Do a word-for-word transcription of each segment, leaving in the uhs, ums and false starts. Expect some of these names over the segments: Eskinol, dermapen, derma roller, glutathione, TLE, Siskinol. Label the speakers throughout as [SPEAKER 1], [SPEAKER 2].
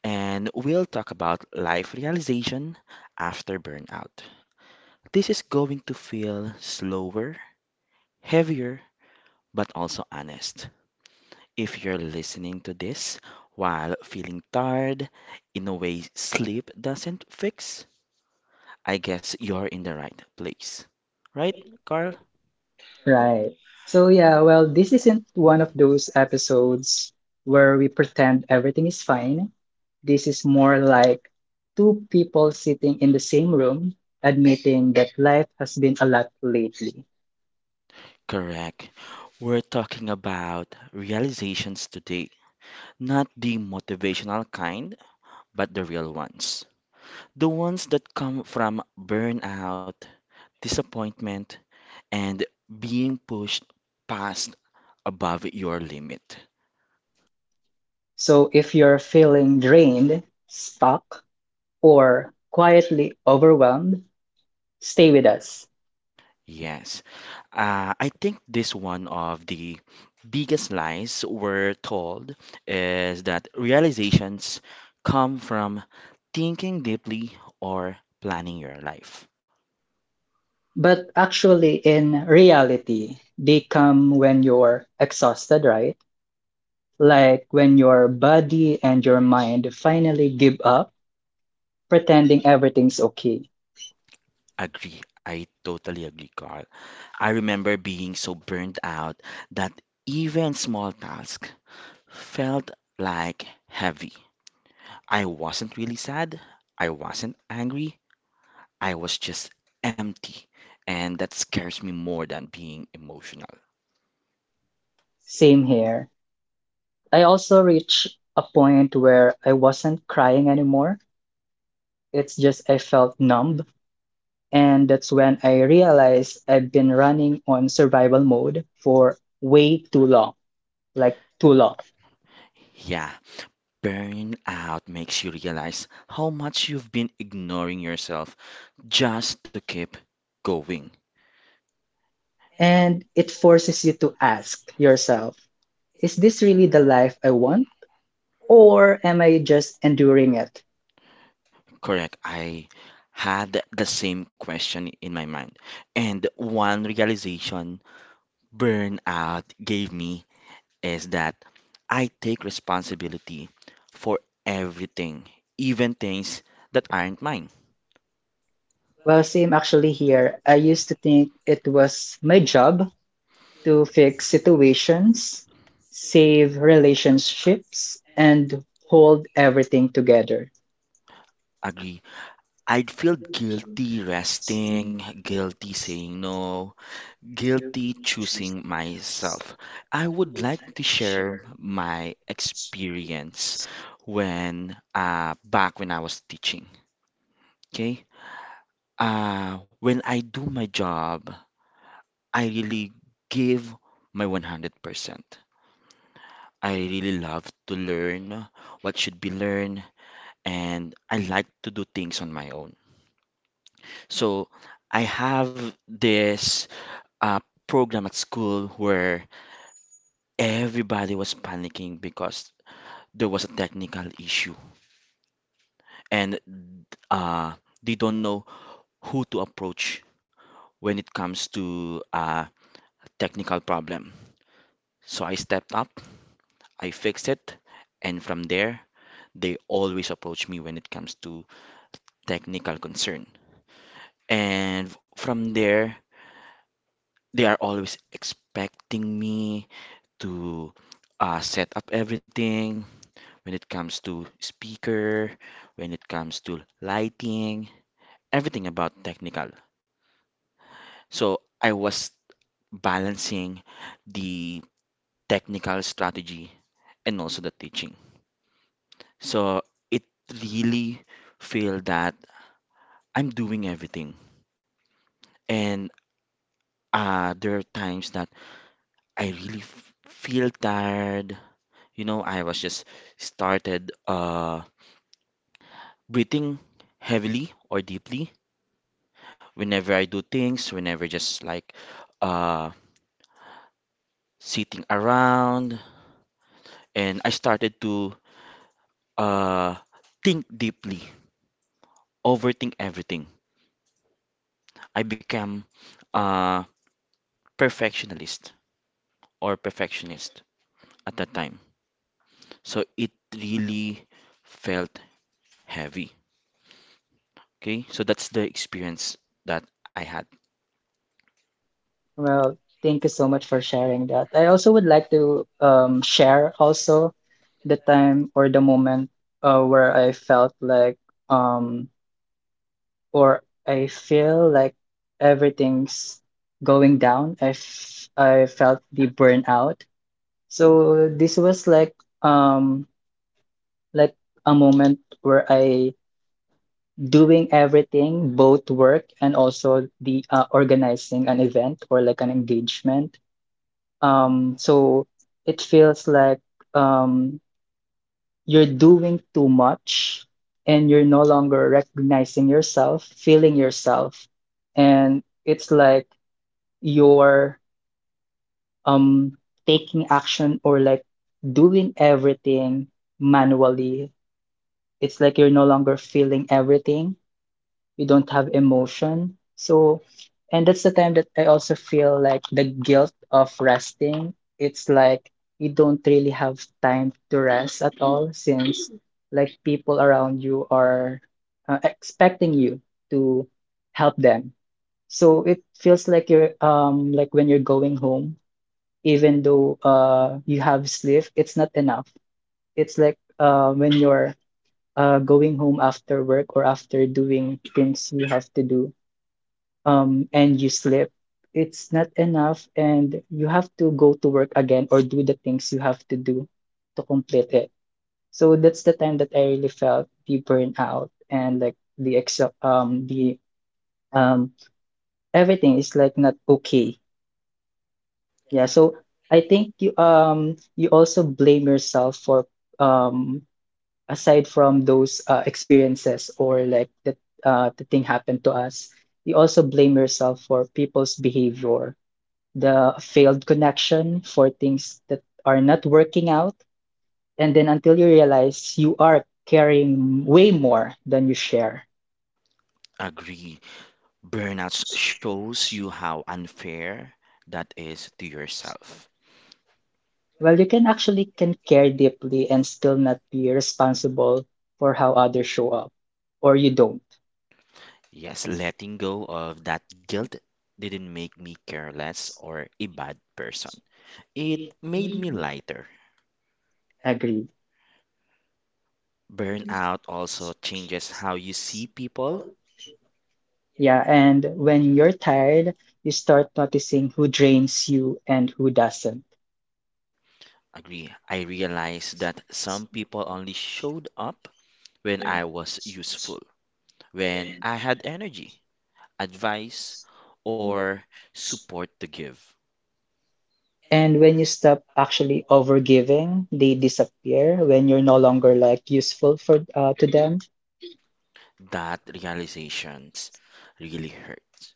[SPEAKER 1] and we'll talk about life realization after burnout. This is going to feel slower, heavier, but also honest. If you're listening to this while feeling tired in a way sleep doesn't fix, I guess you're in the right place. Right, Carl?
[SPEAKER 2] Right. So yeah, well, this isn't one of those episodes where we pretend everything is fine. This is more like two people sitting in the same room admitting that life has been a lot lately.
[SPEAKER 1] Correct. We're talking about realizations today, not the motivational kind, but the real ones. The ones that come from burnout, disappointment, and being pushed past above your limit.
[SPEAKER 2] So if you're feeling drained, stuck, or quietly overwhelmed, stay with us.
[SPEAKER 1] Yes. Uh, I think this one of the biggest lies we're told is that realizations come from thinking deeply or planning your life.
[SPEAKER 2] But actually, in reality, they come when you're exhausted, right? Like when your body and your mind finally give up pretending everything's okay.
[SPEAKER 1] Agree. I totally agree, Carl. I remember being so burnt out that even small tasks felt like heavy. I wasn't really sad. I wasn't angry. I was just empty, and that scares me more than being emotional.
[SPEAKER 2] Same here. I also reached a point where I wasn't crying anymore. It's just I felt numb. And that's when I realized I've been running on survival mode for way too long, like too long.
[SPEAKER 1] Yeah, burnout makes you realize how much you've been ignoring yourself just to keep going.
[SPEAKER 2] And it forces you to ask yourself, is this really the life I want? Or am I just enduring it?
[SPEAKER 1] Correct. I had the same question in my mind. And one realization burnout gave me is that I take responsibility for everything, even things that aren't mine.
[SPEAKER 2] Well, same actually here. I used to think it was my job to fix situations, save relationships, and hold everything together.
[SPEAKER 1] Agree. I'd feel guilty resting, guilty saying no, guilty choosing myself. I would like to share my experience when uh, back when I was teaching. Okay? Uh, when I do my job, I really give my one hundred percent. I really love to learn what should be learned, and I like to do things on my own. So I have this a program at school where everybody was panicking because there was a technical issue and uh, they don't know who to approach when it comes to a technical problem. So I stepped up, I fixed it, and from there, they always approach me when it comes to technical concern. And from there, they are always expecting me to uh, set up everything, when it comes to speaker, when it comes to lighting, everything about technical. So I was balancing the technical strategy and also the teaching. So it really feel that I'm doing everything. And uh, there are times that I really f- feel tired. You know, I was just started uh, breathing heavily or deeply whenever I do things, whenever just like uh sitting around, and I started to uh, think deeply, overthink everything. I became a perfectionist or perfectionist at that time. So it really felt heavy. Okay, so that's the experience that I had.
[SPEAKER 2] Well, thank you so much for sharing that. I also would like to um, share also the time or the moment uh, where I felt like um, or I feel like everything's going down. I, f I felt the burnout. So this was like um like a moment where I doing everything, both work and also the uh, organizing an event or like an engagement. Um, so it feels like um you're doing too much and you're no longer recognizing yourself, feeling yourself. And it's like you're um taking action or like doing everything manually. It's like you're no longer feeling everything. You don't have emotion. So, and that's the time that I also feel like the guilt of resting. It's like you don't really have time to rest at all since like people around you are uh, expecting you to help them. So it feels like you're um like when you're going home even though uh you have sleep, it's not enough. It's like uh when you're uh going home after work or after doing things you have to do, um, and you sleep, it's not enough, and you have to go to work again or do the things you have to do to complete it. So that's the time that I really felt the burnout and like the ex um the um everything is like not okay. Yeah, so I think you um you also blame yourself for um aside from those uh, experiences or like that uh the thing happened to us, you also blame yourself for people's behavior, the failed connection for things that are not working out, and then until you realize you are carrying way more than you share.
[SPEAKER 1] Agree. Burnout shows you how unfair that is to yourself.
[SPEAKER 2] Well, you can actually can care deeply and still not be responsible for how others show up, or you don't.
[SPEAKER 1] Yes, letting go of that guilt didn't make me careless or a bad person. It made me lighter.
[SPEAKER 2] Agreed.
[SPEAKER 1] Burnout also changes how you see people.
[SPEAKER 2] Yeah, and when you're tired, you start noticing who drains you and who doesn't.
[SPEAKER 1] Agree. I realized that some people only showed up when I was useful, when I had energy, advice, or support to give.
[SPEAKER 2] And when you stop actually overgiving, they disappear when you're no longer like useful for uh, to them.
[SPEAKER 1] That realizations really hurts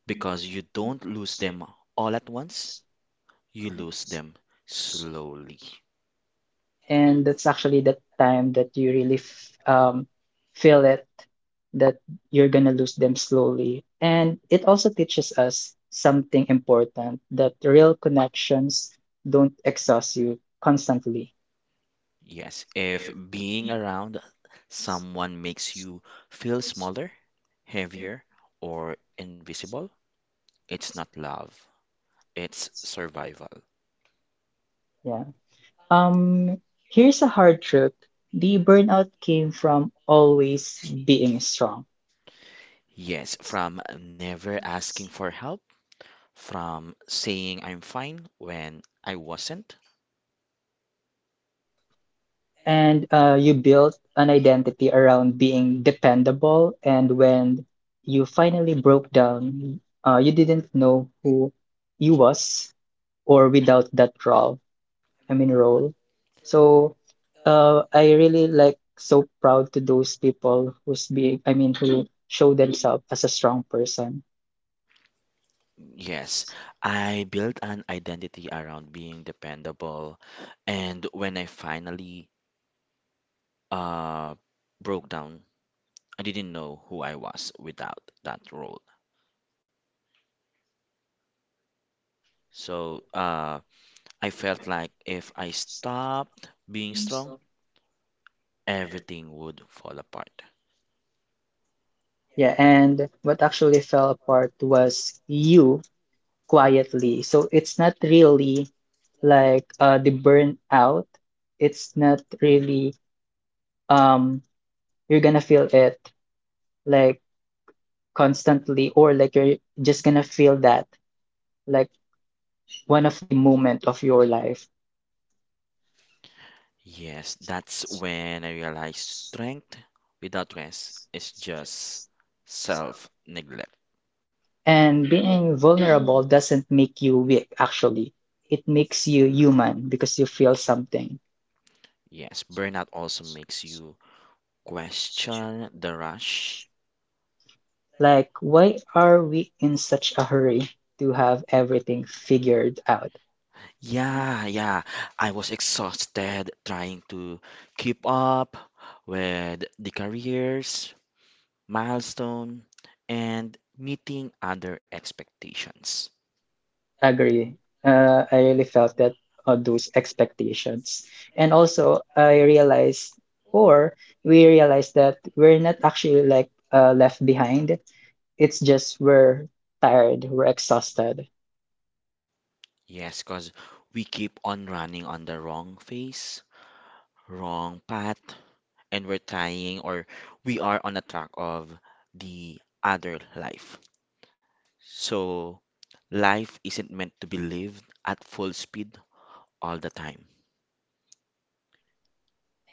[SPEAKER 1] because you don't lose them all at once, you lose them slowly.
[SPEAKER 2] And that's actually the time that you really f um, feel it that you're gonna lose them slowly. And it also teaches us something important that real connections don't exhaust you constantly.
[SPEAKER 1] Yes, if being around someone makes you feel smaller, heavier, or invisible, it's not love, it's survival.
[SPEAKER 2] Yeah. Um, Here's a hard truth. The burnout came from always being strong.
[SPEAKER 1] Yes, from never asking for help, from saying I'm fine when I wasn't.
[SPEAKER 2] And uh, you built an identity around being dependable and when you finally broke down, uh, you didn't know who you was or without that role, i mean role. So uh, i really like so proud to those people who's being, i mean who show themselves as a strong person.
[SPEAKER 1] Yes, I built an identity around being dependable, and when I finally uh broke down, I didn't know who I was without that role. So uh, I felt like if I stopped being strong, everything would fall apart.
[SPEAKER 2] Yeah, and what actually fell apart was you quietly. So it's not really like uh, the burnout. It's not really um you're gonna feel it like constantly or like you're just gonna feel that like one of the moment of your life.
[SPEAKER 1] Yes, that's when I realized strength without rest is just self neglect.
[SPEAKER 2] And being vulnerable doesn't make you weak, actually. It makes you human because you feel something.
[SPEAKER 1] Yes, burnout also makes you question the rush.
[SPEAKER 2] Like, why are we in such a hurry to have everything figured out?
[SPEAKER 1] Yeah, yeah, I was exhausted trying to keep up with the careers, milestone, and meeting other expectations.
[SPEAKER 2] Agree. Uh, I really felt that uh, those expectations. And also, I realized, or we realized that we're not actually like uh, left behind. It's just we're tired, we're exhausted.
[SPEAKER 1] Yes, because we keep on running on the wrong phase, wrong path, and we're trying or we are on the track of the other life. So, life isn't meant to be lived at full speed all the time.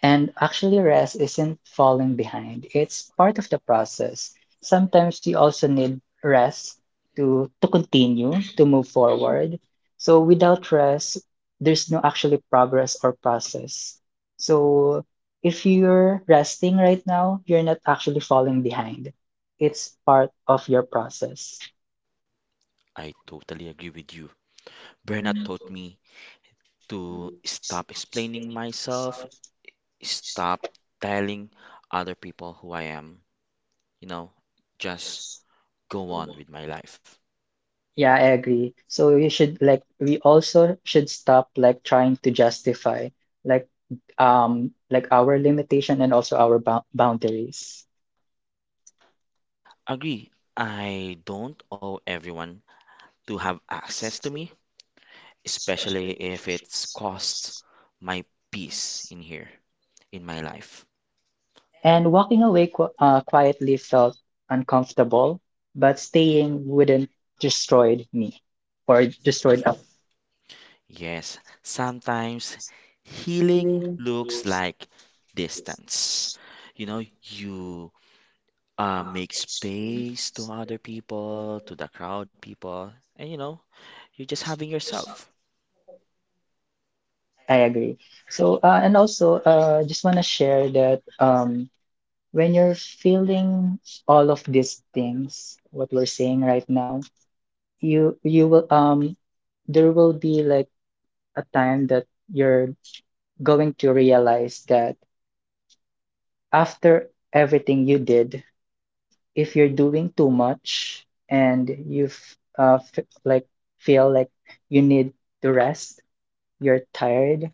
[SPEAKER 2] And actually, rest isn't falling behind. It's part of the process. Sometimes you also need rest to to continue, to move forward. So without rest, there's no actually progress or process. So if you're resting right now, you're not actually falling behind. It's part of your process.
[SPEAKER 1] I totally agree with you. Burnout taught me to stop explaining myself, stop telling other people who I am, you know, just go on with my life.
[SPEAKER 2] Yeah, I agree. So you should like we also should stop like trying to justify like um like our limitation and also our bou- boundaries.
[SPEAKER 1] Agree, I don't owe everyone to have access to me, especially if it's costs my peace in here, in my life.
[SPEAKER 2] And walking away qu uh, quietly felt uncomfortable, but staying wouldn't destroyed me or destroyed us.
[SPEAKER 1] Yes, sometimes healing looks like distance. You know, you uh, make space to other people, to the crowd people, and you know, you're just having yourself.
[SPEAKER 2] I agree. So uh, and also uh just want to share that um when you're feeling all of these things what we're saying right now you you will um there will be like a time that you're going to realize that after everything you did, if you're doing too much and you've uh, f like feel like you need to rest, you're tired,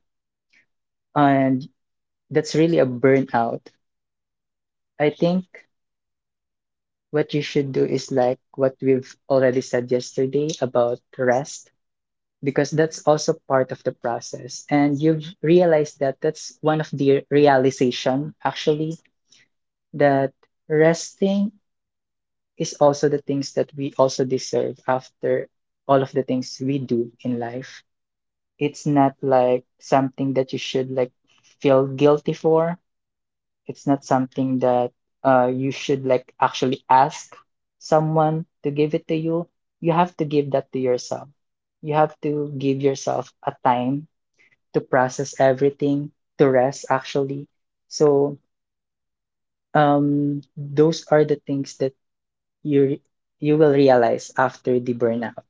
[SPEAKER 2] and that's really a burnout. I think what you should do is like what we've already said yesterday about rest because that's also part of the process. And you've realized that that's one of the realization, actually, that resting is also the things that we also deserve after all of the things we do in life. It's not like something that you should like feel guilty for. It's not something that uh, you should like actually ask someone to give it to you. You have to give that to yourself. You have to give yourself a time to process everything, to rest actually. So um, those are the things that you you will realize after the burnout.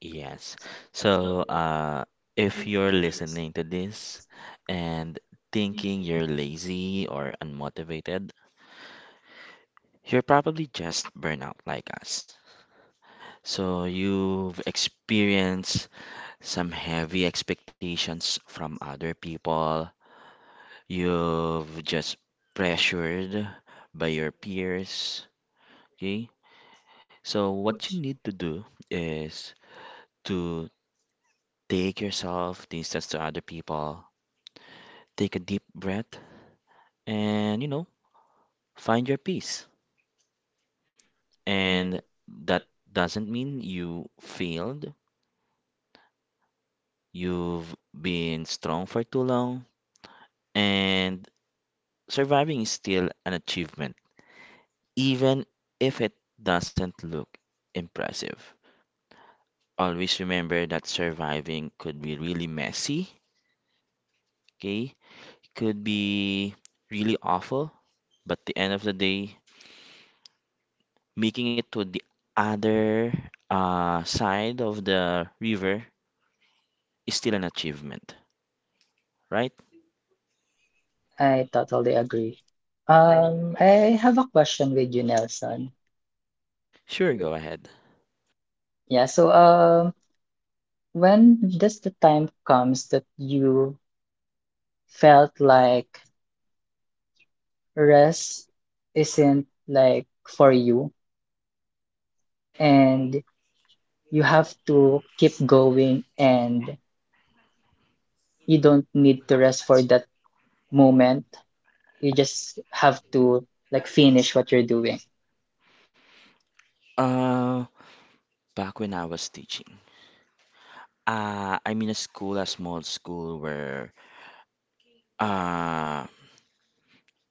[SPEAKER 1] Yes. So, uh, if you're listening to this and thinking you're lazy or unmotivated, you're probably just burnout like us. So, you've experienced some heavy expectations from other people. You've just pressured by your peers. Okay? So, what you need to do is to take yourself, distance to other people, take a deep breath and you know, find your peace. And that doesn't mean you failed, you've been strong for too long, and surviving is still an achievement, even if it doesn't look impressive. Always remember that surviving could be really messy, okay? It could be really awful, but the end of the day, making it to the other uh, side of the river is still an achievement. Right?
[SPEAKER 2] I totally agree. Um, I have a question with you, Nelson.
[SPEAKER 1] Sure, go ahead.
[SPEAKER 2] Yeah, so um, when does the time comes that you felt like rest isn't like for you and you have to keep going and you don't need to rest for that moment. You just have to like finish what you're doing.
[SPEAKER 1] Uh, Back when I was teaching, uh, I'm in a school, a small school where uh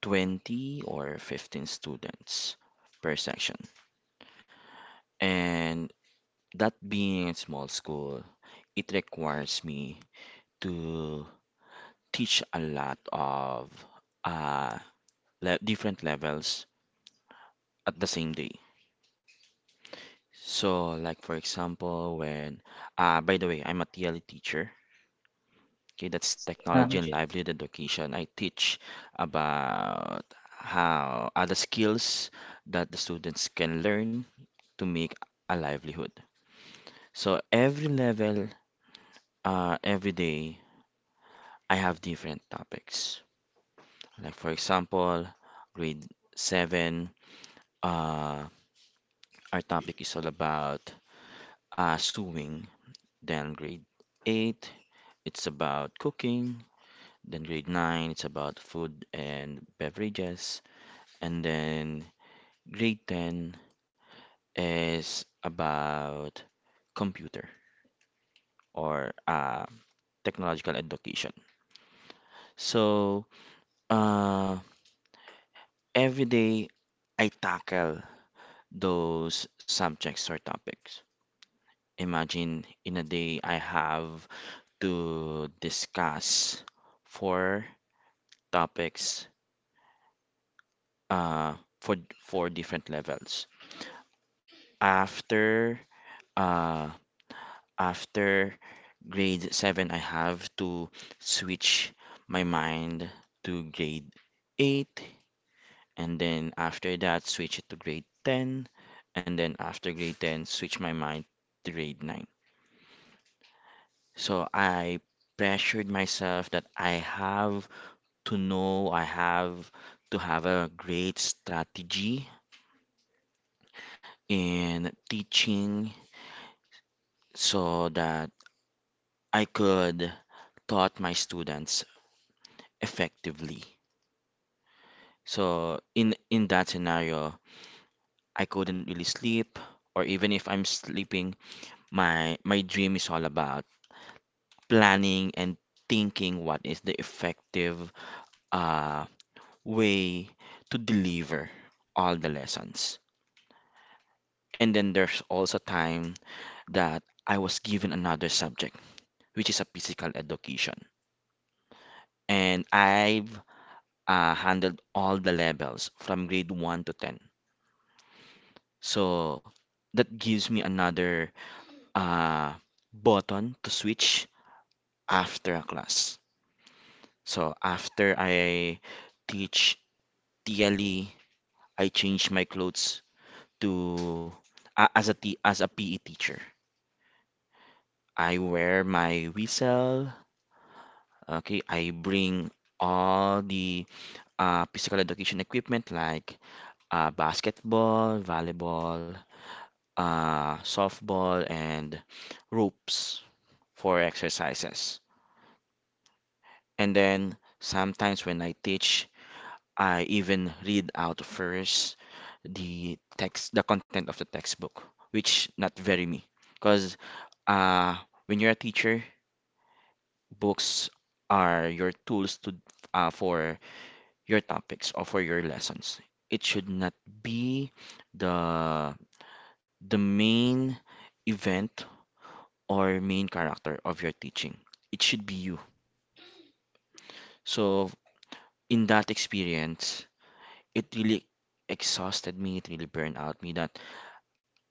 [SPEAKER 1] twenty or fifteen students per section. And that being a small school, it requires me to teach a lot of uh le different levels at the same day. So, like for example, when uh by the way, I'm a T L E teacher. Okay, that's technology
[SPEAKER 2] Um,
[SPEAKER 1] and livelihood education. I teach about how other skills that the students can learn to make a livelihood. So every level, uh, every day, I have different topics. Like for example, grade seven, uh, our topic is all about uh, sewing. Then grade eight, it's about cooking. Then grade nine, it's about food and beverages. And then grade ten is about computer or uh, technological education. So uh, every day I tackle those subjects or topics. Imagine in a day I have to discuss four topics uh, for four different levels. After uh, After grade seven I have to switch my mind to grade eight and then after that switch it to grade ten and then after grade ten switch my mind to grade nine. So I pressured myself that I have to know, I have to have a great strategy in teaching so that I could taught my students effectively. So in in that scenario, I couldn't really sleep, or even if I'm sleeping, my my dream is all about planning and thinking what is the effective uh way to deliver all the lessons. And then there's also time that I was given another subject, which is a physical education. And I've uh, handled all the levels from grade one to ten. So that gives me another uh, button to switch after a class. So after I teach T L E, I change my clothes to uh, as a t- as a P E teacher. I wear my whistle. Okay, I bring all the uh, physical education equipment like uh, basketball, volleyball, uh, softball, and ropes for exercises. And then sometimes when I teach I even read out first the text, the content of the textbook, which not very me, because uh, when you're a teacher, books are your tools to uh, for your topics or for your lessons. It should not be the the main event or main character of your teaching. It should be you. So in that experience, it really exhausted me. It really burned out me that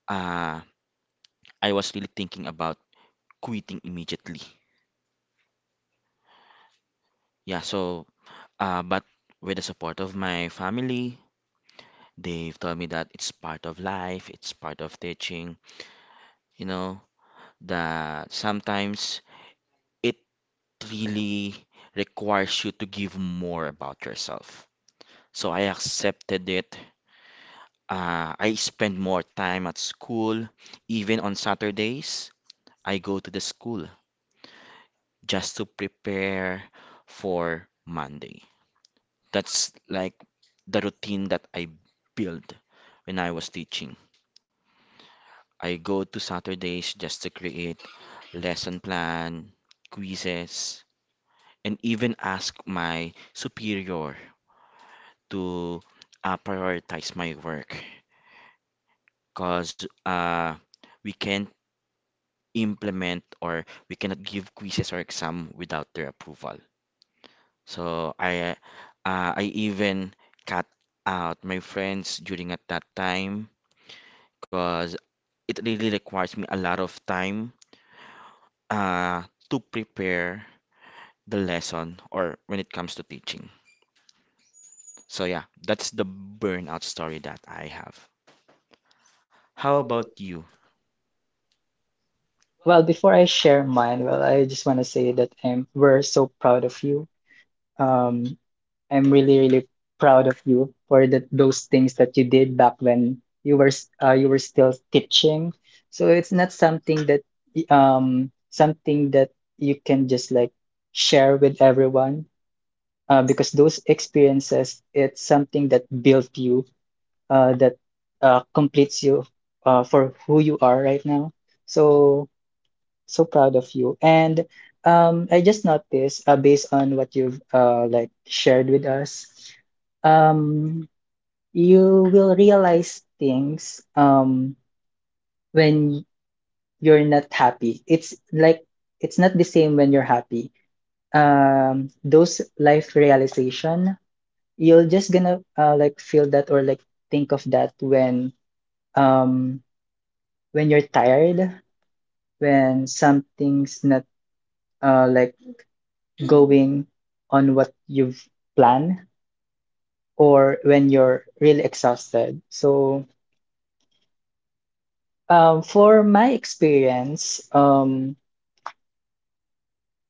[SPEAKER 1] uh I was really thinking about quitting immediately. Yeah, so uh, but with the support of my family, they've told me that it's part of life, it's part of teaching, you know, that sometimes it really requires you to give more about yourself. So I accepted it. Uh, I spend more time at school, even on Saturdays, I go to the school just to prepare for Monday. That's like the routine that I built when I was teaching. I go to Saturdays just to create lesson plan, quizzes, and even ask my superior to uh, prioritize my work because uh, we can't implement or we cannot give quizzes or exam without their approval. So I uh, I even cut out my friends during at that time because it really requires me a lot of time uh, to prepare the lesson or when it comes to teaching. So yeah, that's the burnout story that I have. How about you?
[SPEAKER 2] well, before I share mine, well, I just want to say that um, we're so proud of you. Um, I'm really, really proud of you for the, those things that you did back when you were s- uh, you were still teaching. So it's not something that y- um something that you can just like share with everyone uh, because those experiences it's something that built you uh, that uh, completes you uh, for who you are right now. So so proud of you. And um, I just noticed, uh, based on what you've uh, like shared with us, um, you will realize things um, when you're not happy. It's like it's not the same when you're happy. Um, those life realization, you're just gonna uh, like feel that or like think of that when um, when you're tired, when something's not uh, like going on what you've planned or when you're really exhausted. So, um, for my experience, um,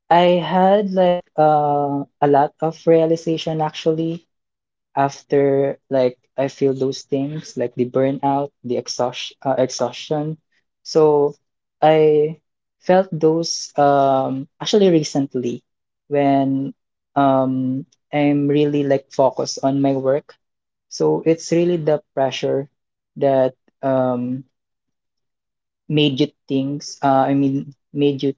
[SPEAKER 2] I had like uh, a lot of realization actually after like I feel those things like the burnout, the exhaustion, uh, exhaustion. So I felt those um actually recently when um I'm really like focused on my work. So it's really the pressure that um made you things uh, I mean made you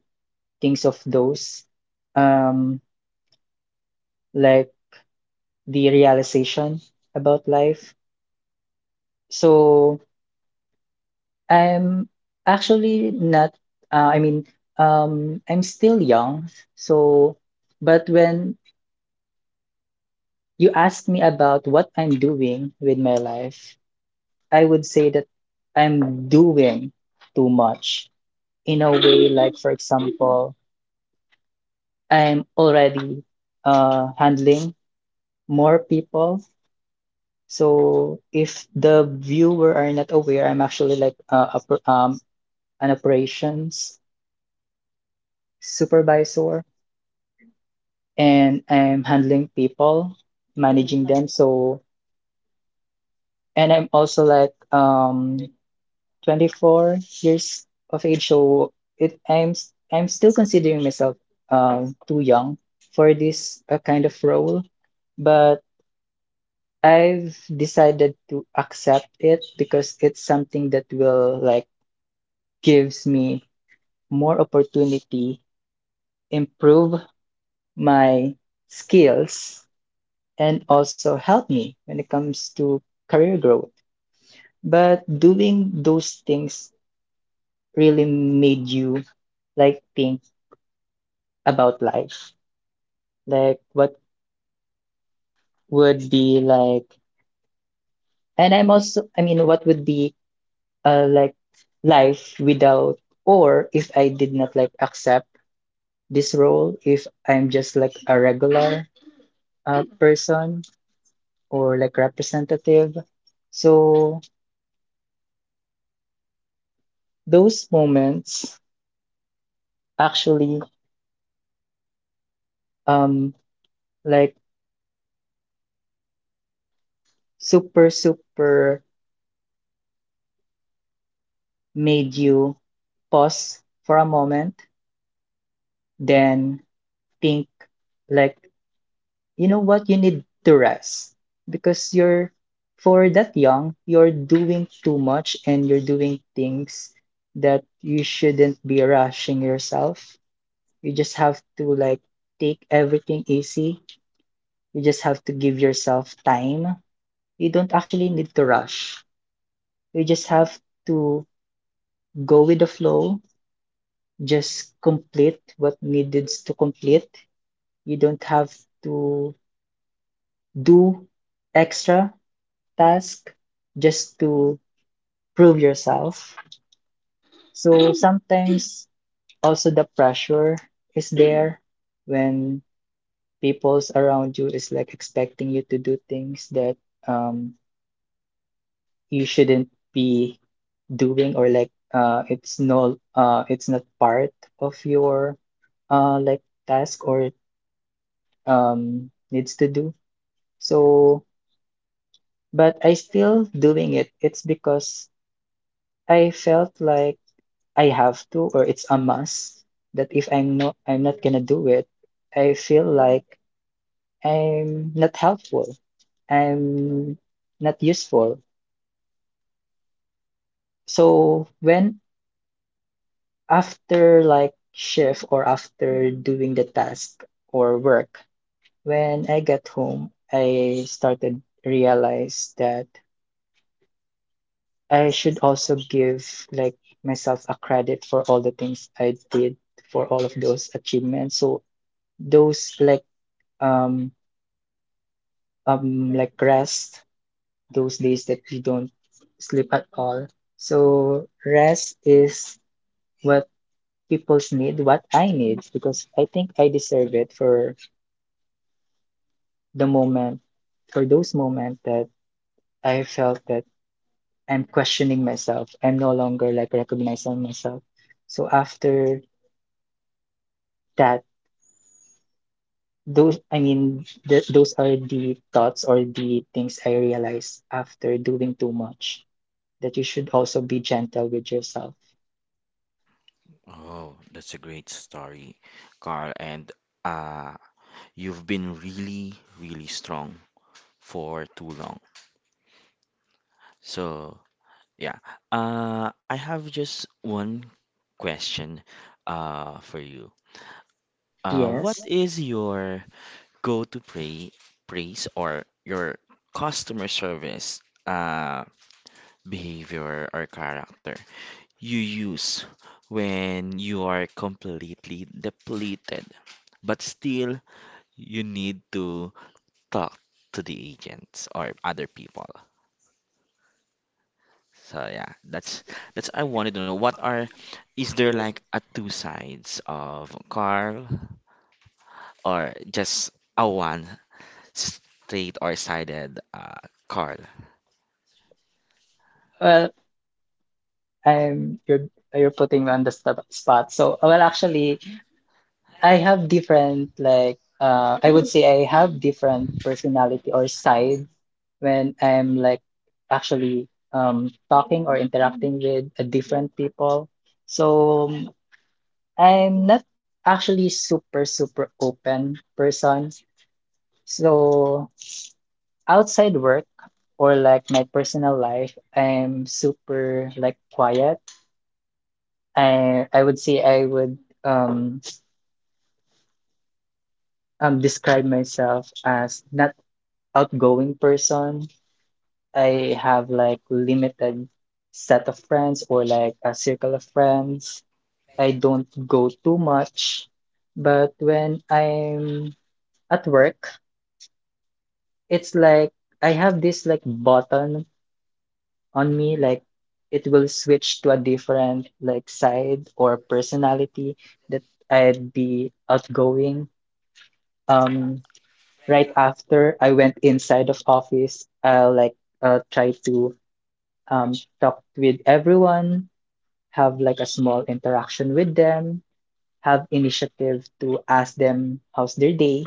[SPEAKER 2] things of those um like the realization about life. So I'm actually not, uh, I mean, um, I'm still young. So, but when you ask me about what I'm doing with my life, I would say that I'm doing too much in a way, like, for example, I'm already uh, handling more people. So, if the viewer are not aware, I'm actually like uh, oper- um, an operations supervisor. And I'm handling people, managing them. So, and I'm also like um twenty-four years of age, so it I'm s- I'm still considering myself um too young for this uh, kind of role, but I've decided to accept it because it's something that will like gives me more opportunity, improve my skills, and also help me when it comes to career growth. But doing those things really made you like think about life. Like what would be like, and I'm also, I mean, what would be uh, like life without, or if I did not like accept this role, if I'm just like a regular uh, person or like representative. So those moments actually um like super super made you pause for a moment, then think like, you know what, you need to rest because you're for that young, you're doing too much and you're doing things that you shouldn't be rushing yourself. You just have to like take everything easy. You just have to give yourself time. You don't actually need to rush. You just have to go with the flow just complete what needed to complete. You don't have to do extra task just to prove yourself. So sometimes also the pressure is there when people's around you is like expecting you to do things that um you shouldn't be doing, or like uh it's no uh it's not part of your uh like task or um needs to do. So, but I still doing it. It's because I felt like I have to, or it's a must that if I'm not, I'm not gonna do it, I feel like I'm not helpful. I'm not useful. So when after like shift or after doing the task or work, when I get home, I started realize that I should also give like myself a credit for all the things I did, for all of those achievements. So those like um um like rest, those days that you don't sleep at all. So rest is what people's need, what I need, because I think I deserve it for the moment, for those moments that I felt that I'm questioning myself. I'm no longer like recognizing myself. So after that, Those, I mean, th those are the thoughts or the things I realize after doing too much, that you should also be gentle with yourself.
[SPEAKER 1] Oh, that's a great story, Carl. And uh, you've been really, really strong for too long. So yeah, uh, I have just one question uh, for you. Uh, what
[SPEAKER 2] Yes.
[SPEAKER 1] is your go to pray, praise or your customer service uh, behavior or character you use when you are completely depleted, but still you need to talk to the agents or other people. So yeah, that's that's I wanted to know what are is there like a two sides of Carl or just a one straight or sided uh Carl?
[SPEAKER 2] Well, I'm you're you're putting me on the st spot. So, well, actually, I have different like uh, I would say I have different personality or sides when I'm like actually um talking or interacting with uh, different people. So I'm not actually super, super open person. So outside work or like my personal life, I'm super like quiet. I I would say I would um um describe myself as not outgoing person. I have like limited set of friends or like a circle of friends. I don't go too much. But when I'm at work, it's like I have this like button on me, like it will switch to a different like side or personality that I'd be outgoing. Um, right after I went inside of office, I'll like uh, try to um talk with everyone, have like a small interaction with them, have initiative to ask them how's their day.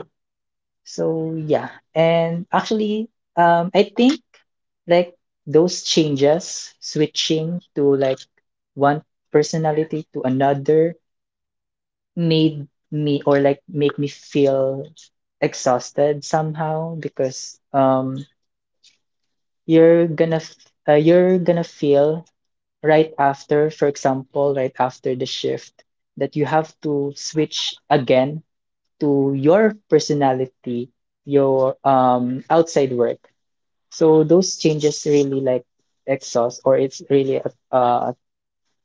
[SPEAKER 2] So yeah, and actually, um, I think like those changes, switching to like one personality to another, made me or like make me feel exhausted somehow because um you're gonna f- uh, you're gonna feel right after, for example, right after the shift that you have to switch again to your personality, your um outside work. So those changes really like exhaust, or it's really a, a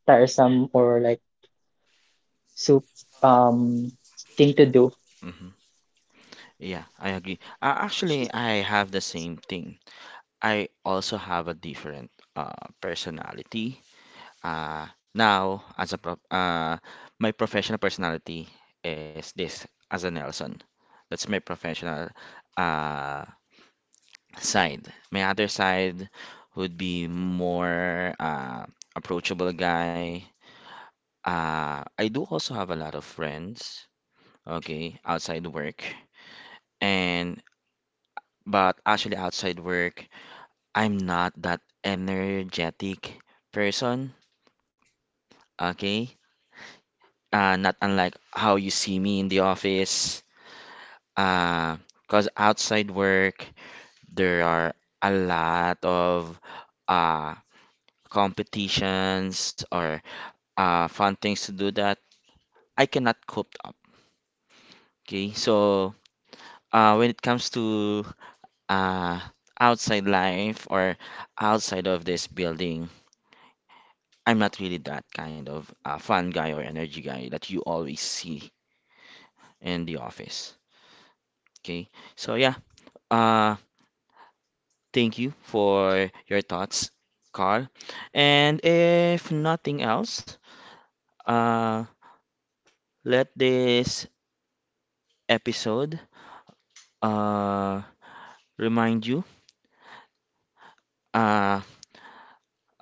[SPEAKER 2] tiresome or like soup um thing to do.
[SPEAKER 1] Yeah, I agree. Uh, actually, I have the same thing. I also have a different uh, personality. Uh, now, as a prof uh, my professional personality is this, as a Nelson. That's my professional uh, side. My other side would be more uh, approachable guy. Uh, I do also have a lot of friends, okay, outside work. And but actually outside work I'm not that energetic person, okay? Uh, not unlike how you see me in the office. Uh, because outside work, there are a lot of uh, competitions or uh, fun things to do that I cannot cope up, okay? So uh, when it comes to uh, outside life or outside of this building, I'm not really that kind of uh, fun guy or energy guy that you always see in the office. Okay, so yeah, uh, thank you for your thoughts, Carl. And if nothing else, uh, let this episode uh, remind you uh,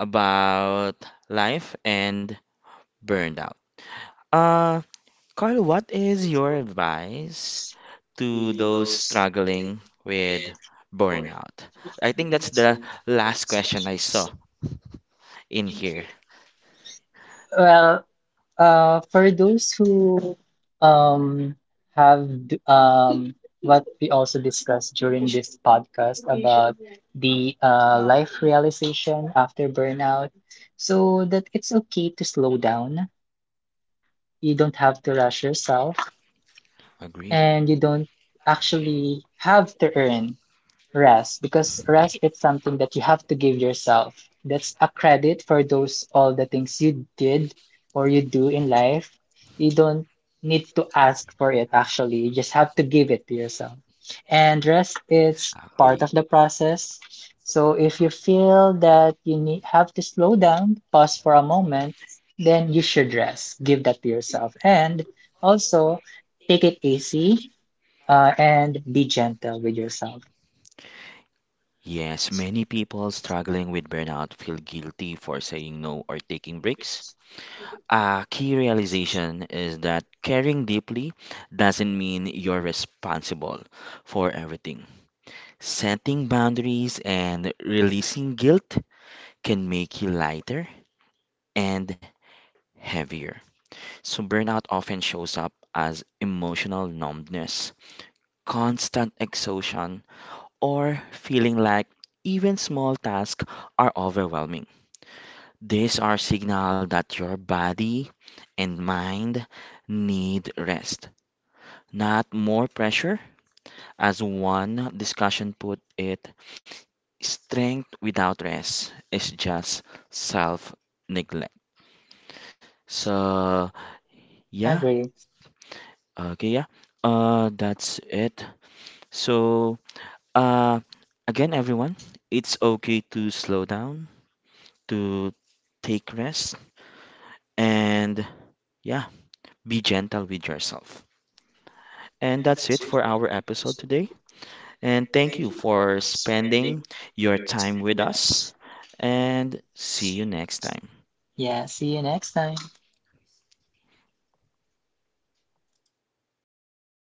[SPEAKER 1] about life and burned out. Uh, Carl, what is your advice to those struggling with burnout? I think that's the last question I saw in here.
[SPEAKER 2] Well, uh, for those who um have d- um what we also discussed during this podcast about the uh, life realization after burnout, so that it's okay to slow down. You don't have to rush yourself,
[SPEAKER 1] Agree?
[SPEAKER 2] and you don't actually have to earn. Rest, because rest is something that you have to give yourself. That's a credit for those all the things you did or you do in life. You don't need to ask for it actually. You just have to give it to yourself. And rest is part
[SPEAKER 1] Exactly.
[SPEAKER 2] of the process. So if you feel that you need have to slow down, pause for a moment, then you should rest. Give that to yourself. And also take it easy, uh, and be gentle with yourself.
[SPEAKER 1] Yes, many people struggling with burnout feel guilty for saying no or taking breaks. A key realization is that caring deeply doesn't mean you're responsible for everything. Setting boundaries and releasing guilt can make you lighter and heavier. So, burnout often shows up as emotional numbness, constant exhaustion, or feeling like even small tasks are overwhelming. These are signals that your body and mind need rest, not more pressure. As one discussion put it, strength without rest is just self neglect. So, yeah.
[SPEAKER 2] Agree.
[SPEAKER 1] Okay, yeah. Uh, that's it. So, uh, again, everyone, it's okay to slow down, to take rest, and yeah, be gentle with yourself. And that's it for our episode today. And thank you for spending your time with us. And see you next time.
[SPEAKER 2] Yeah, see you next time.